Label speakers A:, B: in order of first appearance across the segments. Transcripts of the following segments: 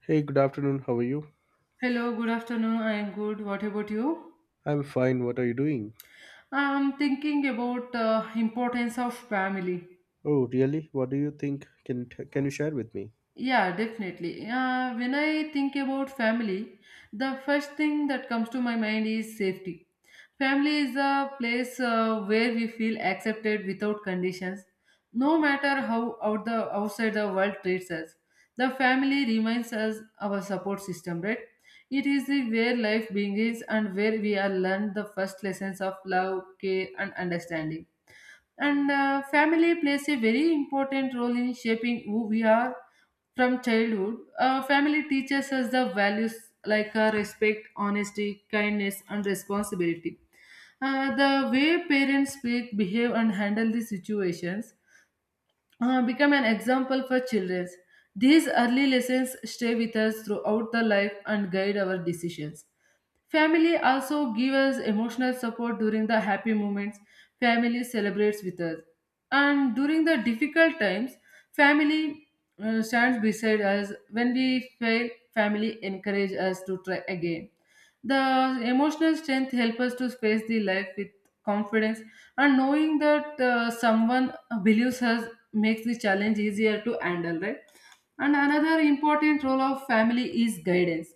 A: Hey, good afternoon. How are you?
B: Hello, good afternoon. I am good. What about you?
A: I'm fine. What are you doing?
B: I'm thinking about the importance of family.
A: Oh, really? What do you think? Can you share with me?
B: Yeah, definitely. When I think about family, the first thing that comes to my mind is safety. Family is a place where we feel accepted without conditions, no matter how out the outside the world treats us. The family reminds us our support system, right? It is the where life begins and where we are learned the first lessons of love, care, and understanding, and family plays a very important role in shaping who we are. From childhood, family teaches us the values like respect, honesty, kindness, and responsibility. The way parents speak, behave, and handle the situations, become an example for children. These early lessons stay with us throughout the life and guide our decisions. Family also gives us emotional support during the happy moments. Family celebrates with us, and during the difficult times, family stands beside us. When we fail, family encourage us to try again. The emotional strength helps us to face the life with confidence, and knowing that someone believes us makes the challenge easier to handle, right? And another important role of family is guidance.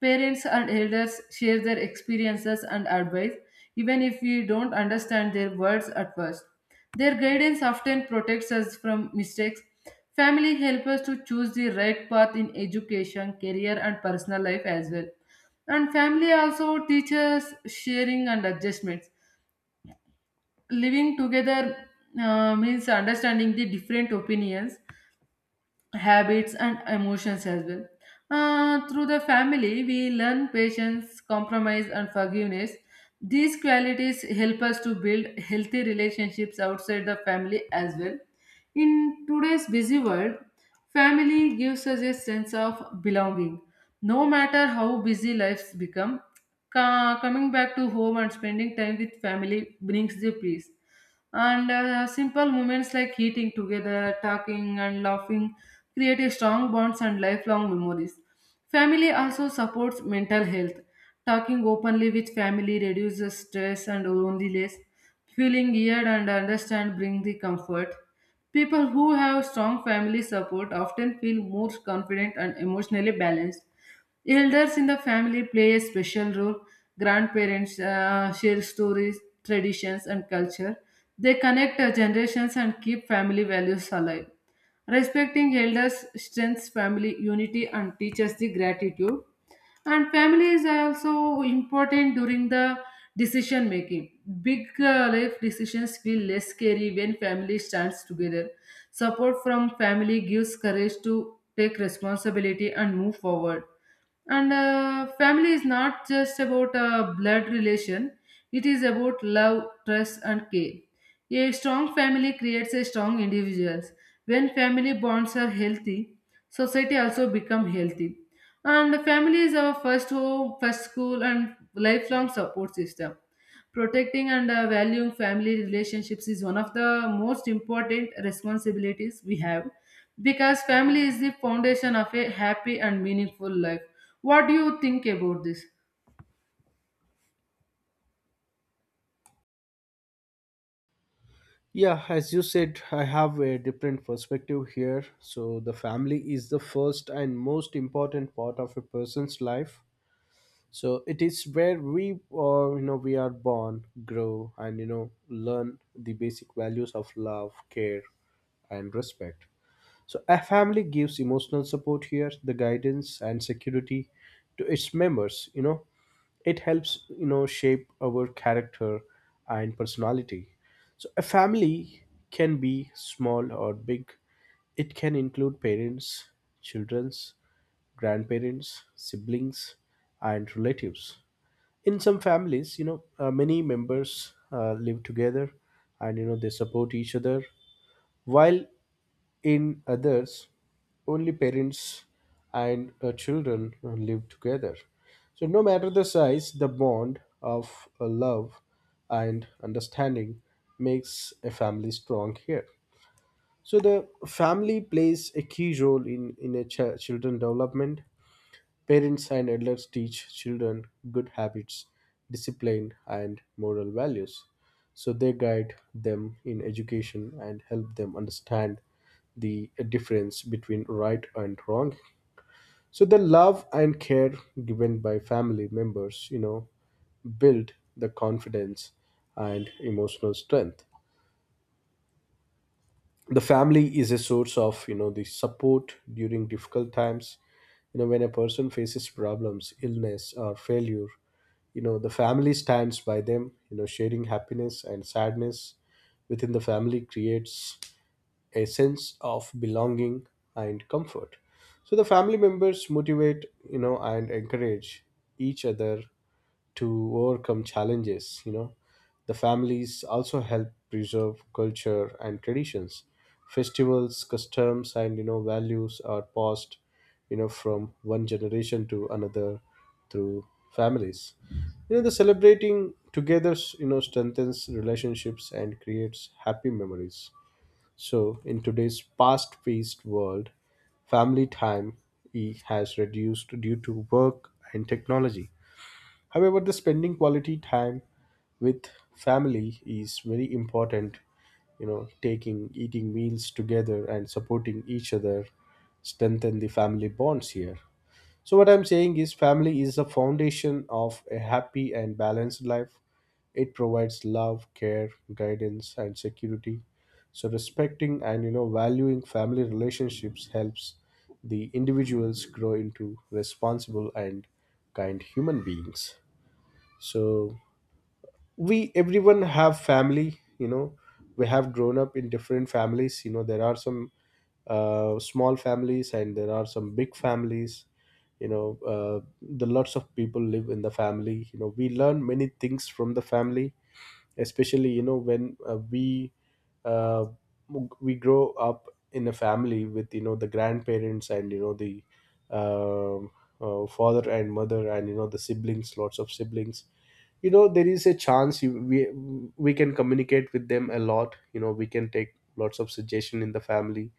B: Parents and elders share their experiences and advice, even if we don't understand their words at first. Their guidance often protects us from mistakes. Family help us to choose the right path in education, career, and personal life as well. And family also teaches sharing and adjustments. Living together means understanding the different opinions, habits, and emotions as well. Through the family, we learn patience, compromise, and forgiveness. These qualities help us to build healthy relationships outside the family as well. In today's busy world, family gives us a sense of belonging. No matter how busy lives become, coming back to home and spending time with family brings the peace. And simple moments like eating together, talking, and laughing create a strong bonds and lifelong memories. Family also supports mental health. Talking openly with family reduces stress and loneliness. Feeling heard and understand brings the comfort. People who have strong family support often feel more confident and emotionally balanced. Elders in the family play a special role. Grandparents share stories, traditions, and culture. They connect generations and keep family values alive. Respecting elders strengthens family unity and teaches the gratitude. And family is also important during the decision making. Big life decisions feel less scary when family stands together. Support from family gives courage to take responsibility and move forward. And family is not just about a blood relation, it is about love, trust, and care. A strong family creates a strong individuals. When family bonds are healthy, society also become healthy. And the family is our first home, first school, and lifelong support system. Protecting and valuing family relationships is one of the most important responsibilities we have, because family is the foundation of a happy and meaningful life. What do you think about this?
A: Yeah, as you said, I have a different perspective here. So, the family is the first and most important part of a person's life. So, it is where we are born, grow, and learn the basic values of love, care, and respect. So, a family gives emotional support here, the guidance and security to its members. You know, it helps shape our character and personality. So a family can be small or big. It can include parents, children's, grandparents, siblings, and relatives. In some families, many members live together, and they support each other, while in others, only parents and children live together. So, no matter the size, the bond of love and understanding makes a family strong here. So, the family plays a key role in a children development. Parents and elders teach children good habits, discipline, and moral values. So they guide them in education and help them understand the difference between right and wrong. So the love and care given by family members, build the confidence and emotional strength. The family is a source of the support during difficult times. You know, when a person faces problems, illness, or failure, the family stands by them, sharing happiness and sadness within the family, creates a sense of belonging and comfort. So the family members motivate and encourage each other to overcome challenges. You know, the families also help preserve culture and traditions. Festivals, customs, and values are passed, from one generation to another through families. You know, the celebrating together strengthens relationships and creates happy memories. So in today's fast paced world, family time has reduced due to work and technology. However, the spending quality time with family is very important. You know, taking, eating meals together and supporting each other strengthen the family bonds here. So, what I'm saying is, family is the foundation of a happy and balanced life. It provides love, care, guidance, and security. So, respecting and valuing family relationships helps the individuals grow into responsible and kind human beings. So we everyone have family. You know, we have grown up in different families. You know, there are some small families and there are some big families. you know uh, the lots of people live in the family. You know, we learn many things from the family, especially when uh, we grow up in a family with the grandparents and you know the um father and mother and the siblings, lots of siblings. You know, there is a chance you, we can communicate with them a lot. You know, we can take lots of suggestion in the family.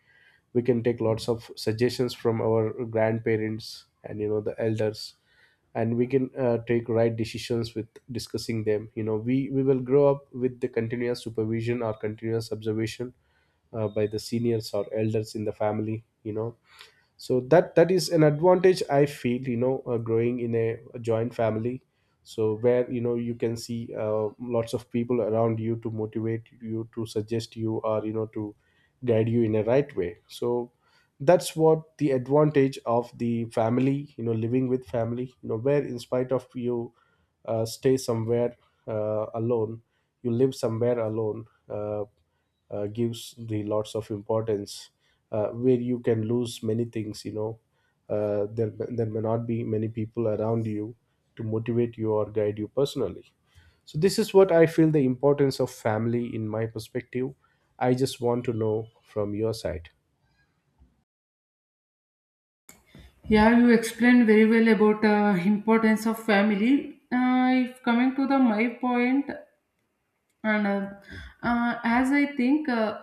A: We can take lots of suggestions from our grandparents and the elders, and we can take right decisions with discussing them. You know, we will grow up with the continuous supervision or continuous observation by the seniors or elders in the family. You know, so that is an advantage I feel. You know, growing in a joint family, so where you know you can see lots of people around you to motivate you, to suggest you, or you know to guide you in a right way. So that's what the advantage of the family, you know, living with family, you know, where in spite of you stay somewhere alone, you live somewhere alone, gives the lots of importance, where you can lose many things. You know, there may not be many people around you to motivate you or guide you personally. So this is what I feel the importance of family in my perspective. I just want to know from your side.
B: Yeah, you explained very well about importance of family. If coming to the my point, and as I think uh,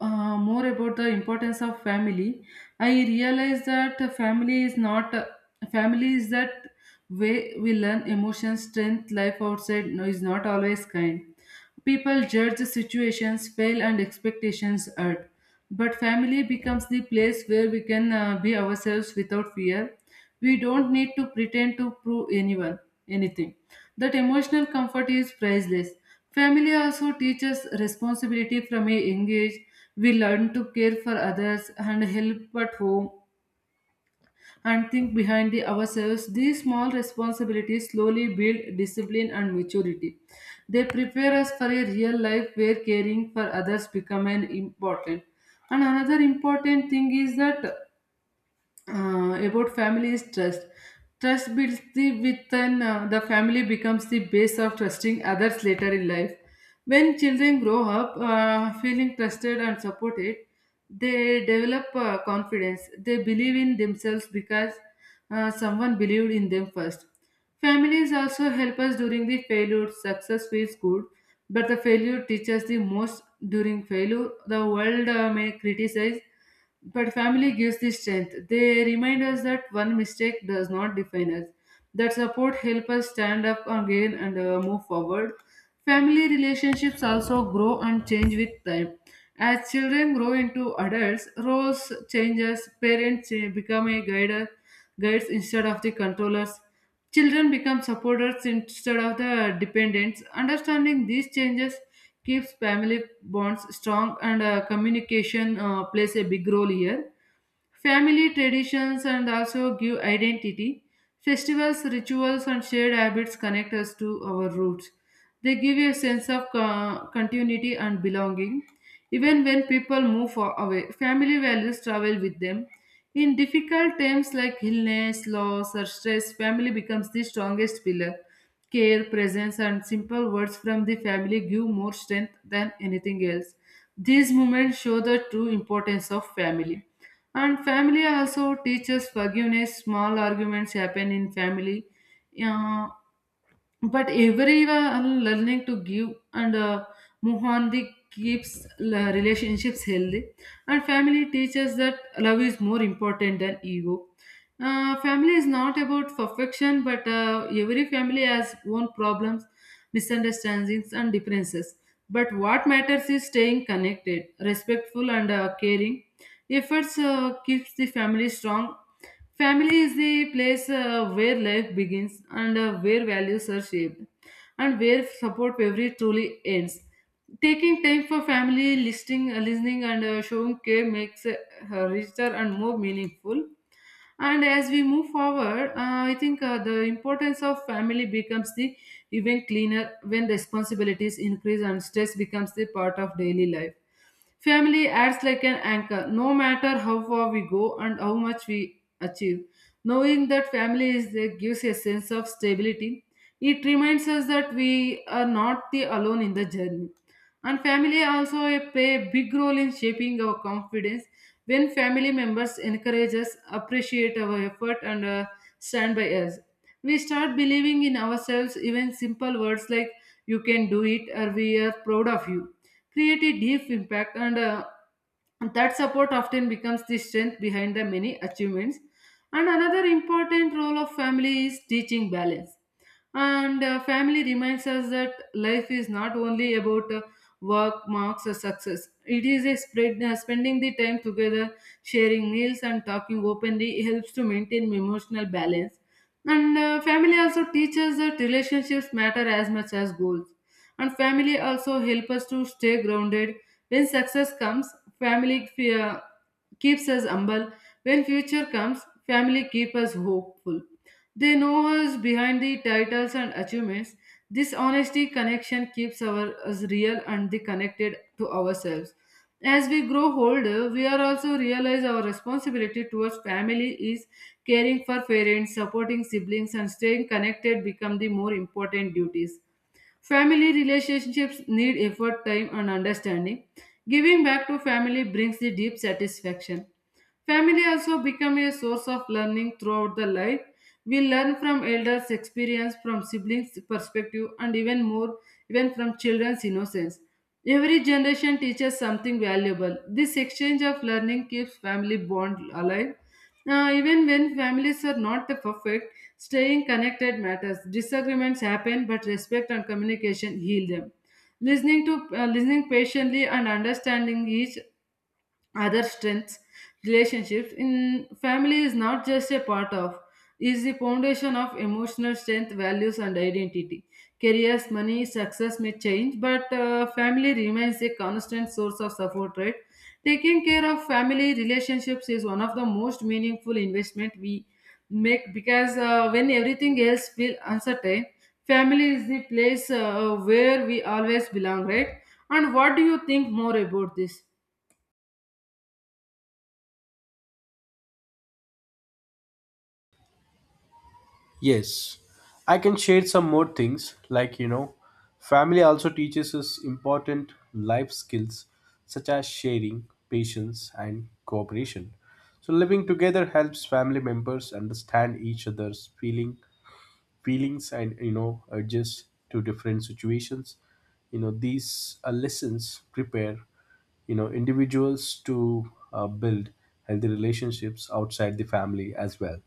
B: uh, more about the importance of family, I realize that family is not family is that way we learn emotions, strength, life outside. No, is not always kind. People judge the situations, fail, and expectations hurt. But family becomes the place where we can be ourselves without fear. We don't need to pretend to prove anyone anything. That emotional comfort is priceless. Family also teaches responsibility from a young age. We learn to care for others and help at home and think behind the ourselves. These small responsibilities slowly build discipline and maturity. They prepare us for a real life where caring for others become an important. And another important thing is that about family is trust. Trust builds the within the family becomes the base of trusting others later in life. When children grow up feeling trusted and supported, they develop confidence. They believe in themselves because someone believed in them first. Families also help us during the failure. Success feels good, but the failure teaches the most. During failure, the world may criticize, but family gives the strength. They remind us that one mistake does not define us. That support helps us stand up again and move forward. Family relationships also grow and change with time. As children grow into adults, roles changes, parents guides instead of the controllers. Children become supporters instead of the dependents. Understanding these changes keeps family bonds strong, and communication plays a big role here. Family traditions and also give identity. Festivals, rituals, and shared habits connect us to our roots. They give a sense of continuity and belonging. Even when people move far away, family values travel with them. In difficult times like illness, loss, or stress, family becomes the strongest pillar. Care, presence, and simple words from the family give more strength than anything else. These moments show the true importance of family. And family also teaches forgiveness. Small arguments happen in family, uh, but everyone learning to give and move on the keeps relationships healthy. And family teaches that love is more important than ego. Family is not about perfection, but every family has own problems, misunderstandings, and differences. But what matters is staying connected, respectful, and caring. Efforts keeps the family strong. Family is the place where life begins and where values are shaped, and where support every truly ends. Taking time for family, listening, and showing care makes it richer and more meaningful. And as we move forward, I think the importance of family becomes the even cleaner when responsibilities increase and stress becomes the part of daily life. Family acts like an anchor, no matter how far we go and how much we achieve. Knowing that family is there gives a sense of stability. It reminds us that we are not the alone in the journey. And family also play a big role in shaping our confidence. When family members encourage us, appreciate our effort, and stand by us, we start believing in ourselves. Even simple words like "you can do it" or "we are proud of you" create a deep impact, and that support often becomes the strength behind the many achievements. And another important role of family is teaching balance, and family reminds us that life is not only about work, marks, or success. It is a spread spending the time together, sharing meals, and talking openly helps to maintain emotional balance. And family also teaches that relationships matter as much as goals. And family also help us to stay grounded. When success comes, family fear keeps us humble. When future comes, family keep us hopeful. They know us behind the titles and achievements. This honesty connection keeps our us real and the connected to ourselves. As we grow older, we are also realize our responsibility towards family is caring for parents, supporting siblings, and staying connected become the more important duties. Family relationships need effort, time, and understanding. Giving back to family brings the deep satisfaction. Family also become a source of learning throughout the life. We learn from elders' experience, from siblings' perspective, and even more, even from children's innocence. Every generation teaches something valuable. This exchange of learning keeps family bond alive. Even when families are not the perfect, staying connected matters. Disagreements happen, but respect and communication heal them. Listening patiently and understanding each other strengths relationships in family is not just a part of, is the foundation of emotional strength, values, and identity. Careers, money, success may change, but family remains a constant source of support, right? Taking care of family relationships is one of the most meaningful investment we make, because when everything else feel uncertain, family is the place where we always belong, right? And what do you think more about this?
A: Yes, I can share some more things like, you know, family also teaches us important life skills such as sharing, patience, and cooperation. So living together helps family members understand each other's feelings and you know adjust to different situations. You know, these lessons prepare, you know, individuals to build healthy relationships outside the family as well.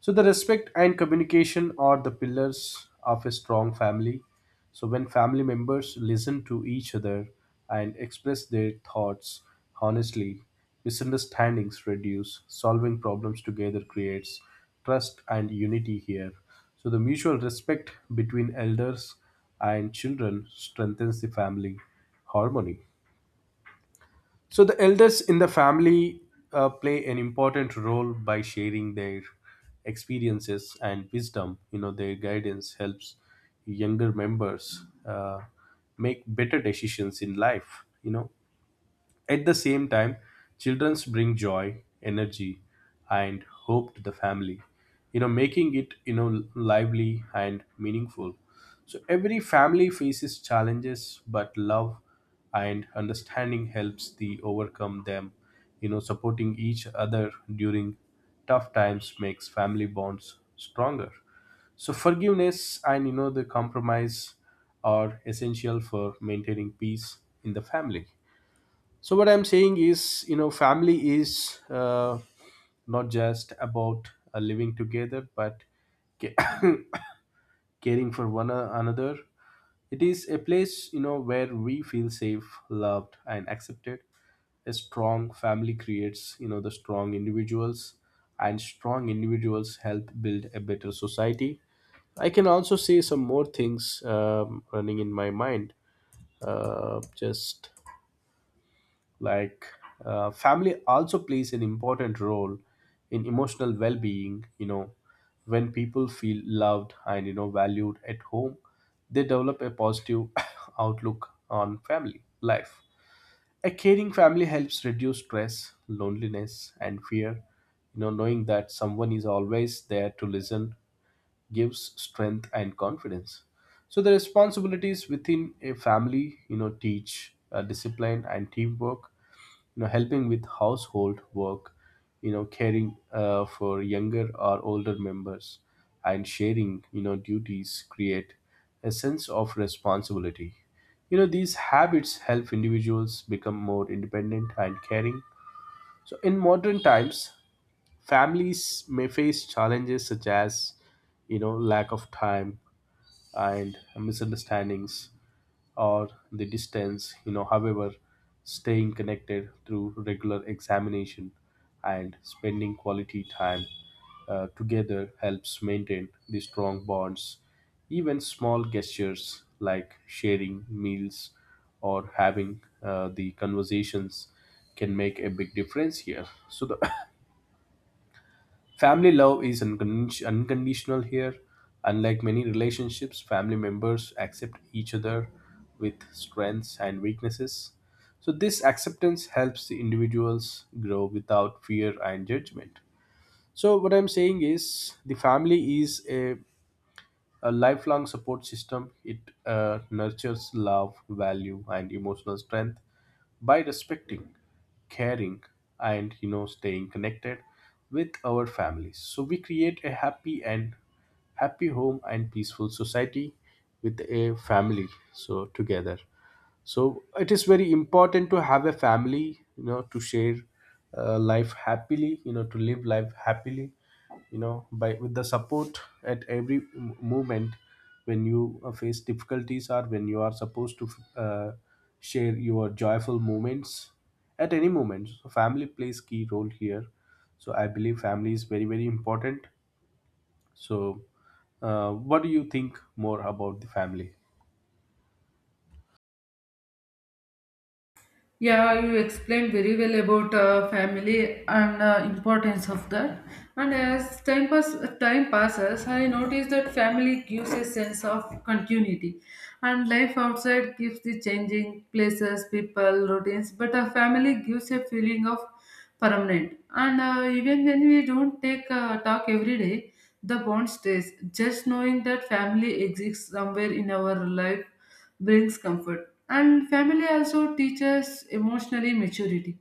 A: So the respect and communication are the pillars of a strong family. So when family members listen to each other and express their thoughts honestly, misunderstandings reduce, solving problems together creates trust and unity here. So the mutual respect between elders and children strengthens the family harmony. So the elders in the family play an important role by sharing their experiences and wisdom. You know, their guidance helps younger members make better decisions in life. You know, at the same time, childrens bring joy, energy, and hope to the family, you know, making it, you know, lively and meaningful. So every family faces challenges, but love and understanding helps the overcome them. You know, supporting each other during tough times makes family bonds stronger. So forgiveness and you know the compromise are essential for maintaining peace in the family. So what I'm saying is, you know, family is not just about living together, but ca- caring for another. It is a place, you know, where we feel safe, loved, and accepted. A strong family creates, you know, the strong individuals, and strong individuals help build a better society. I can also say some more things running in my mind. Just like, family also plays an important role in emotional well-being. You know, when people feel loved and you know valued at home, they develop a positive outlook on family life. A caring family helps reduce stress, loneliness, and fear. You know, knowing that someone is always there to listen gives strength and confidence. So the responsibilities within a family, you know, teach discipline and teamwork. You know, helping with household work. You know, caring for younger or older members, and sharing, you know, duties create a sense of responsibility. You know, these habits help individuals become more independent and caring. So, in modern times, families may face challenges such as you know lack of time and misunderstandings or the distance. You know, however, staying connected through regular examination and spending quality time together helps maintain the strong bonds. Even small gestures like sharing meals or having the conversations can make a big difference here. So the family love is unconditional here. Unlike many relationships, family members accept each other with strengths and weaknesses. So, this acceptance helps the individuals grow without fear and judgment. So, what I'm saying is the family is a lifelong support system. It nurtures love, value, and emotional strength by respecting, caring, and you know staying connected with our families. So we create a happy home and peaceful society with a family. So together, so it is very important to have a family, you know, to share life happily, you know, to live life happily, you know, by with the support at every moment when you face difficulties or when you are supposed to, uh, share your joyful moments at any moment. So family plays key role here. So I believe family is very very important. So what do you think more about the family?
B: Yeah, you explained very well about family and importance of that. And as time passes, I noticed that family gives a sense of continuity, and life outside gives the changing places, people, routines. But a family gives a feeling of permanent. And even when we don't take talk every day, the bond stays. Just knowing that family exists somewhere in our life brings comfort. And family also teaches emotionally maturity.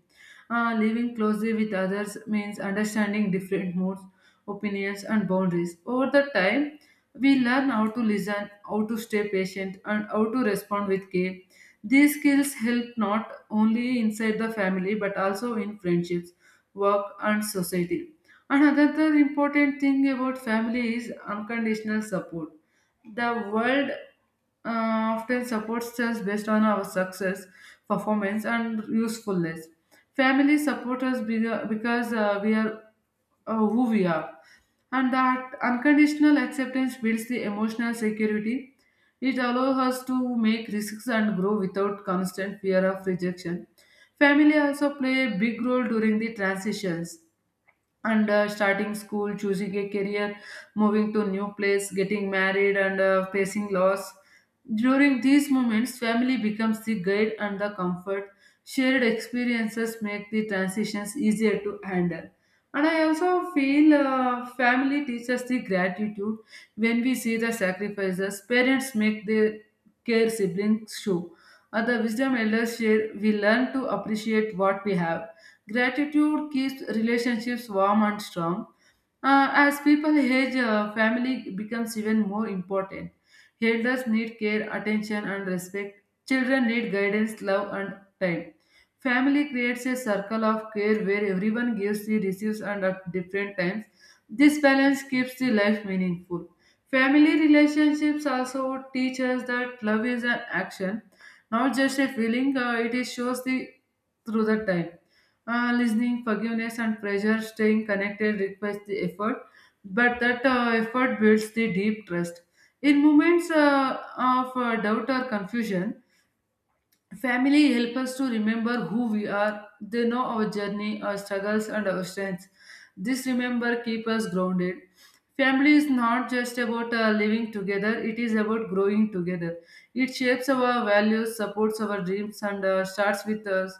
B: Living closely with others means understanding different moods, opinions, and boundaries. Over the time, we learn how to listen, how to stay patient, and how to respond with care. These skills help not only inside the family but also in friendships, work, and society. Another important thing about family is unconditional support. The world uh, often supports us based on our success, performance, and usefulness. Family supports us because we are who we are, and that unconditional acceptance builds the emotional security. It allows us to make risks and grow without constant fear of rejection. Family also play a big role during the transitions and starting school, choosing a career, moving to new place, getting married, and facing loss. During these moments, family becomes the guide and the comfort. Shared experiences make the transitions easier to handle. And I also feel family teaches the gratitude. When we see the sacrifices parents make, their care siblings show, and the wisdom elders share, we learn to appreciate what we have. Gratitude keeps relationships warm and strong. As people age, family becomes even more important. Elders need care, attention, and respect. Children need guidance, love, and time. Family creates a circle of care where everyone gives, receives, and at different times. This balance keeps the life meaningful. Family relationships also teach us that love is an action, not just a feeling. It is shows the through the time, listening, forgiveness, and pressure. Staying connected requires the effort, but that effort builds the deep trust. In moments of doubt or confusion, family help us to remember who we are. They know our journey, our struggles, and our strengths. This remember keep us grounded. Family is not just about living together; it is about growing together. It shapes our values, supports our dreams, and starts with us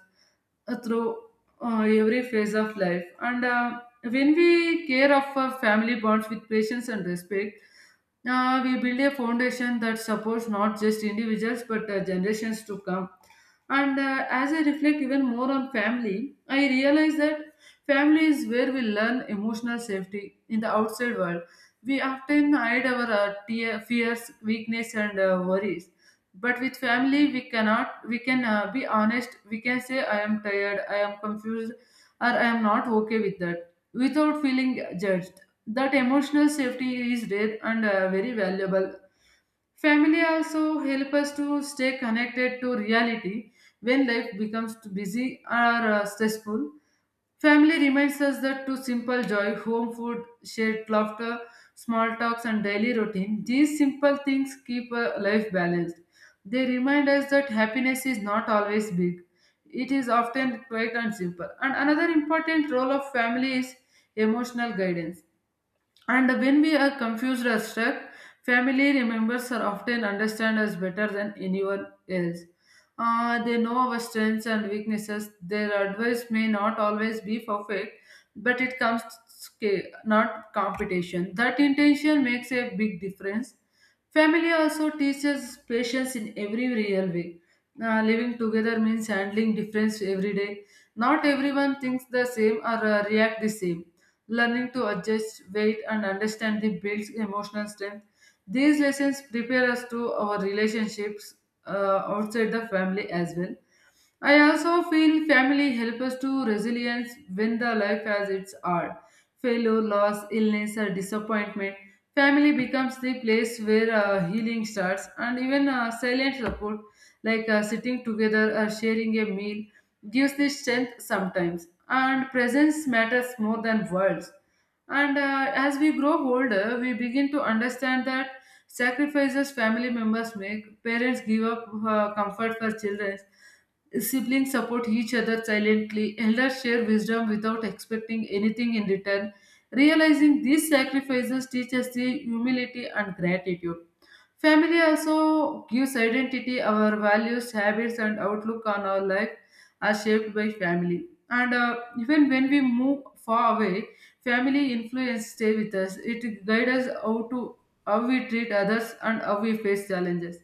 B: through every phase of life. And When we care of our family bonds with patience and respect, we build a foundation that supports not just individuals but generations to come. And as I reflect even more on family, I realize that family is where we learn emotional safety in the outside world. We often hide our tear, fears, weakness, and worries. But with family, we cannot. We can be honest. We can say, "I am tired. I am confused," or "I am not okay with that," without feeling judged. That emotional safety is rare and very valuable. Family also help us to stay connected to reality when life becomes too busy or stressful. Family reminds us that to simple joy, home food, shared laughter, small talks, and daily routine, these simple things keep life balanced. They remind us that happiness is not always big, it is often quiet and simple. And another important role of family is emotional guidance. And when we are confused or stuck, family members are often understand us better than anyone else. They know our strengths and weaknesses. Their advice may not always be perfect, but it comes not competition. That intention makes a big difference. Family also teaches patience in every real way. Living together means handling difference every day. Not everyone thinks the same or react the same. Learning to adjust, wait, and understand the builds emotional strength. These lessons prepare us to our relationships outside the family as well. I also feel family helps us to resilience when the life as it's are. Failure, loss, illness, or disappointment. Family becomes the place where healing starts, and even silent support, like sitting together or sharing a meal, gives the strength sometimes. And presence matters more than words. And as we grow older, we begin to understand that sacrifices family members make, parents give up comfort for children. Siblings support each other silently. Elders share wisdom without expecting anything in return. Realizing these sacrifices teach us the humility and gratitude. Family also gives identity. Our values, habits, and outlook on our life are shaped by family. And Even when we move far away, family influence stay with us. It guides us how we treat others and how we face challenges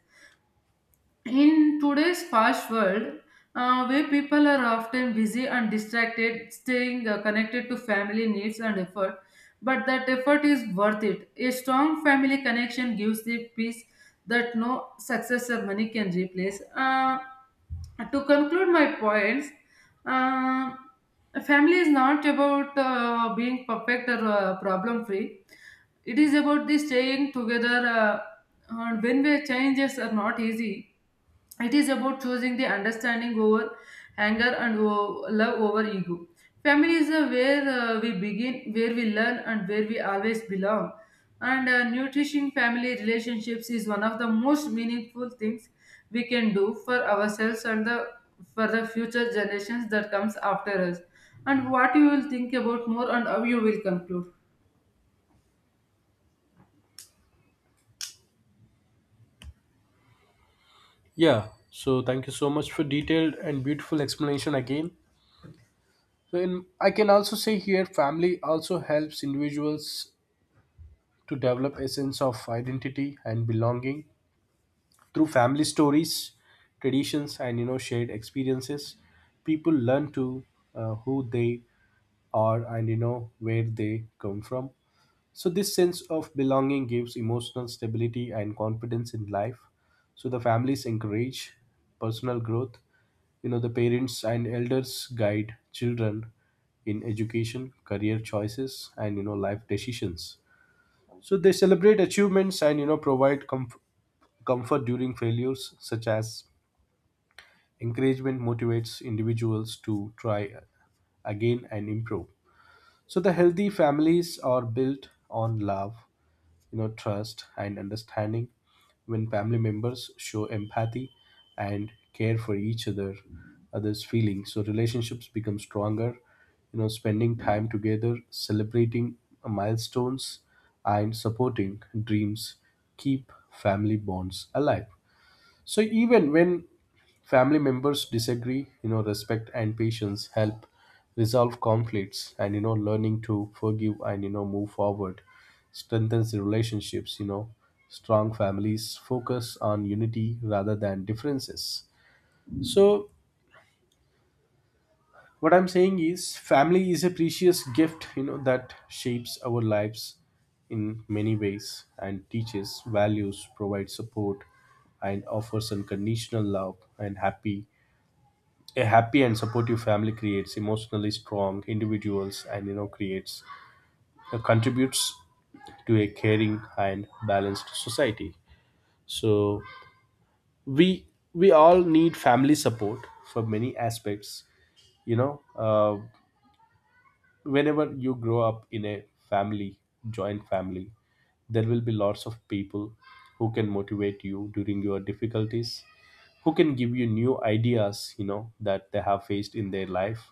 B: in today's fast world, where people are often busy and distracted. Staying connected to family needs and effort, but that effort is worth it. A strong family connection gives the peace that no success or money can replace. To conclude my points, uh, family is not about being perfect or problem free. It is about the staying together, and when the changes are not easy, it is about choosing the understanding over anger, and love over ego. Family is where we begin, where we learn, and where we always belong. And Nourishing family relationships is one of the most meaningful things we can do for ourselves and the for the future generations that comes after us. And what you will think about more, and how you will conclude?
A: Yeah, so thank you so much for detailed and beautiful explanation again. So in I can also say here, family also helps individuals to develop a sense of identity and belonging through family stories, traditions, and you know shared experiences. People learn to, who they are and, you know, where they come from. So this sense of belonging gives emotional stability and confidence in life. So the families encourage personal growth. You know, the parents and elders guide children in education, career choices, and you know life decisions. So they celebrate achievements and you know provide comfort during failures, such as encouragement motivates individuals to try again and improve. So the healthy families are built on love, you know, trust and understanding. When family members show empathy and care for each other's feelings, so relationships become stronger. You know, spending time together, celebrating milestones, and supporting dreams keep family bonds alive. So even when family members disagree, you know, respect and patience help resolve conflicts, and you know learning to forgive and you know move forward strengthens the relationships, you know. Strong families focus on unity rather than differences. So what I'm saying is family is a precious gift, you know, that shapes our lives in many ways and teaches values, provides support, and offers unconditional love. And happy a happy and supportive family creates emotionally strong individuals and you know creates, contributes to a caring and balanced society. So we we all need family support for many aspects. you know uh, Whenever you grow up in a family, joint family, there will be lots of people who can motivate you during your difficulties, who can give you new ideas, you know, that they have faced in their life,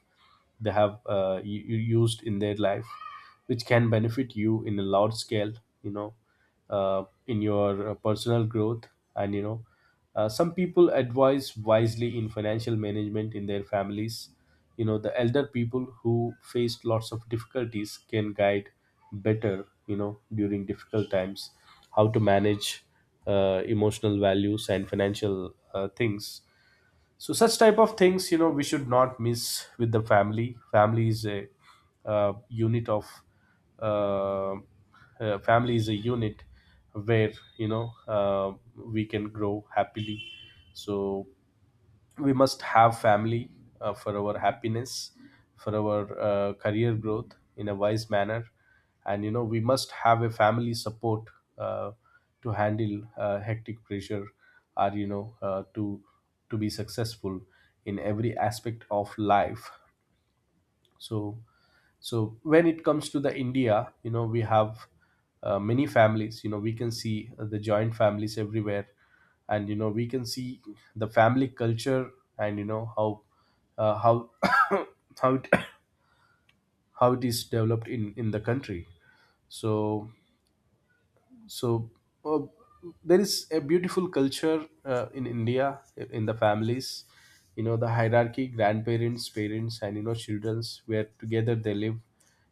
A: they have used in their life, which can benefit you in a large scale, you know, in your personal growth, and you know, some people advise wisely in financial management in their families. You know, the elder people who faced lots of difficulties can guide better, you know, during difficult times how to manage emotional values and financial things. So such type of things, you know, we should not miss with the family. Family is a unit of uh, family is a unit where, you know, we can grow happily. So we must have family for our happiness, for our career growth in a wise manner, and you know we must have a family support, uh, to handle hectic pressure or you know to be successful in every aspect of life. So, so when it comes to the India, you know, we have many families. You know, we can see the joint families everywhere, and you know we can see the family culture, and you know how uh, how how it, how it is developed in the country. So, so uh, there is a beautiful culture in India, in the families. You know, the hierarchy, grandparents, parents, and you know children's, where together they live.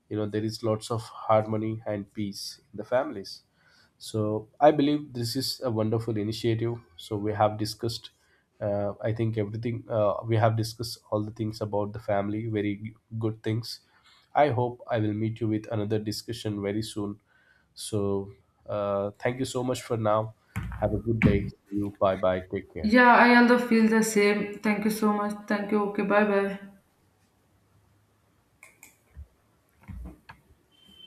A: You know, there is lots of harmony and peace in the families. So I believe this is a wonderful initiative. So we have discussed, I think everything, we have discussed all the things about the family, very good things. I hope I will meet you with another discussion very soon. So thank you so much for now. Have a good day. See you. Bye bye. Take
B: Yeah,
A: care.
B: I also feel the same. Thank you so much. Thank you. Okay, bye bye.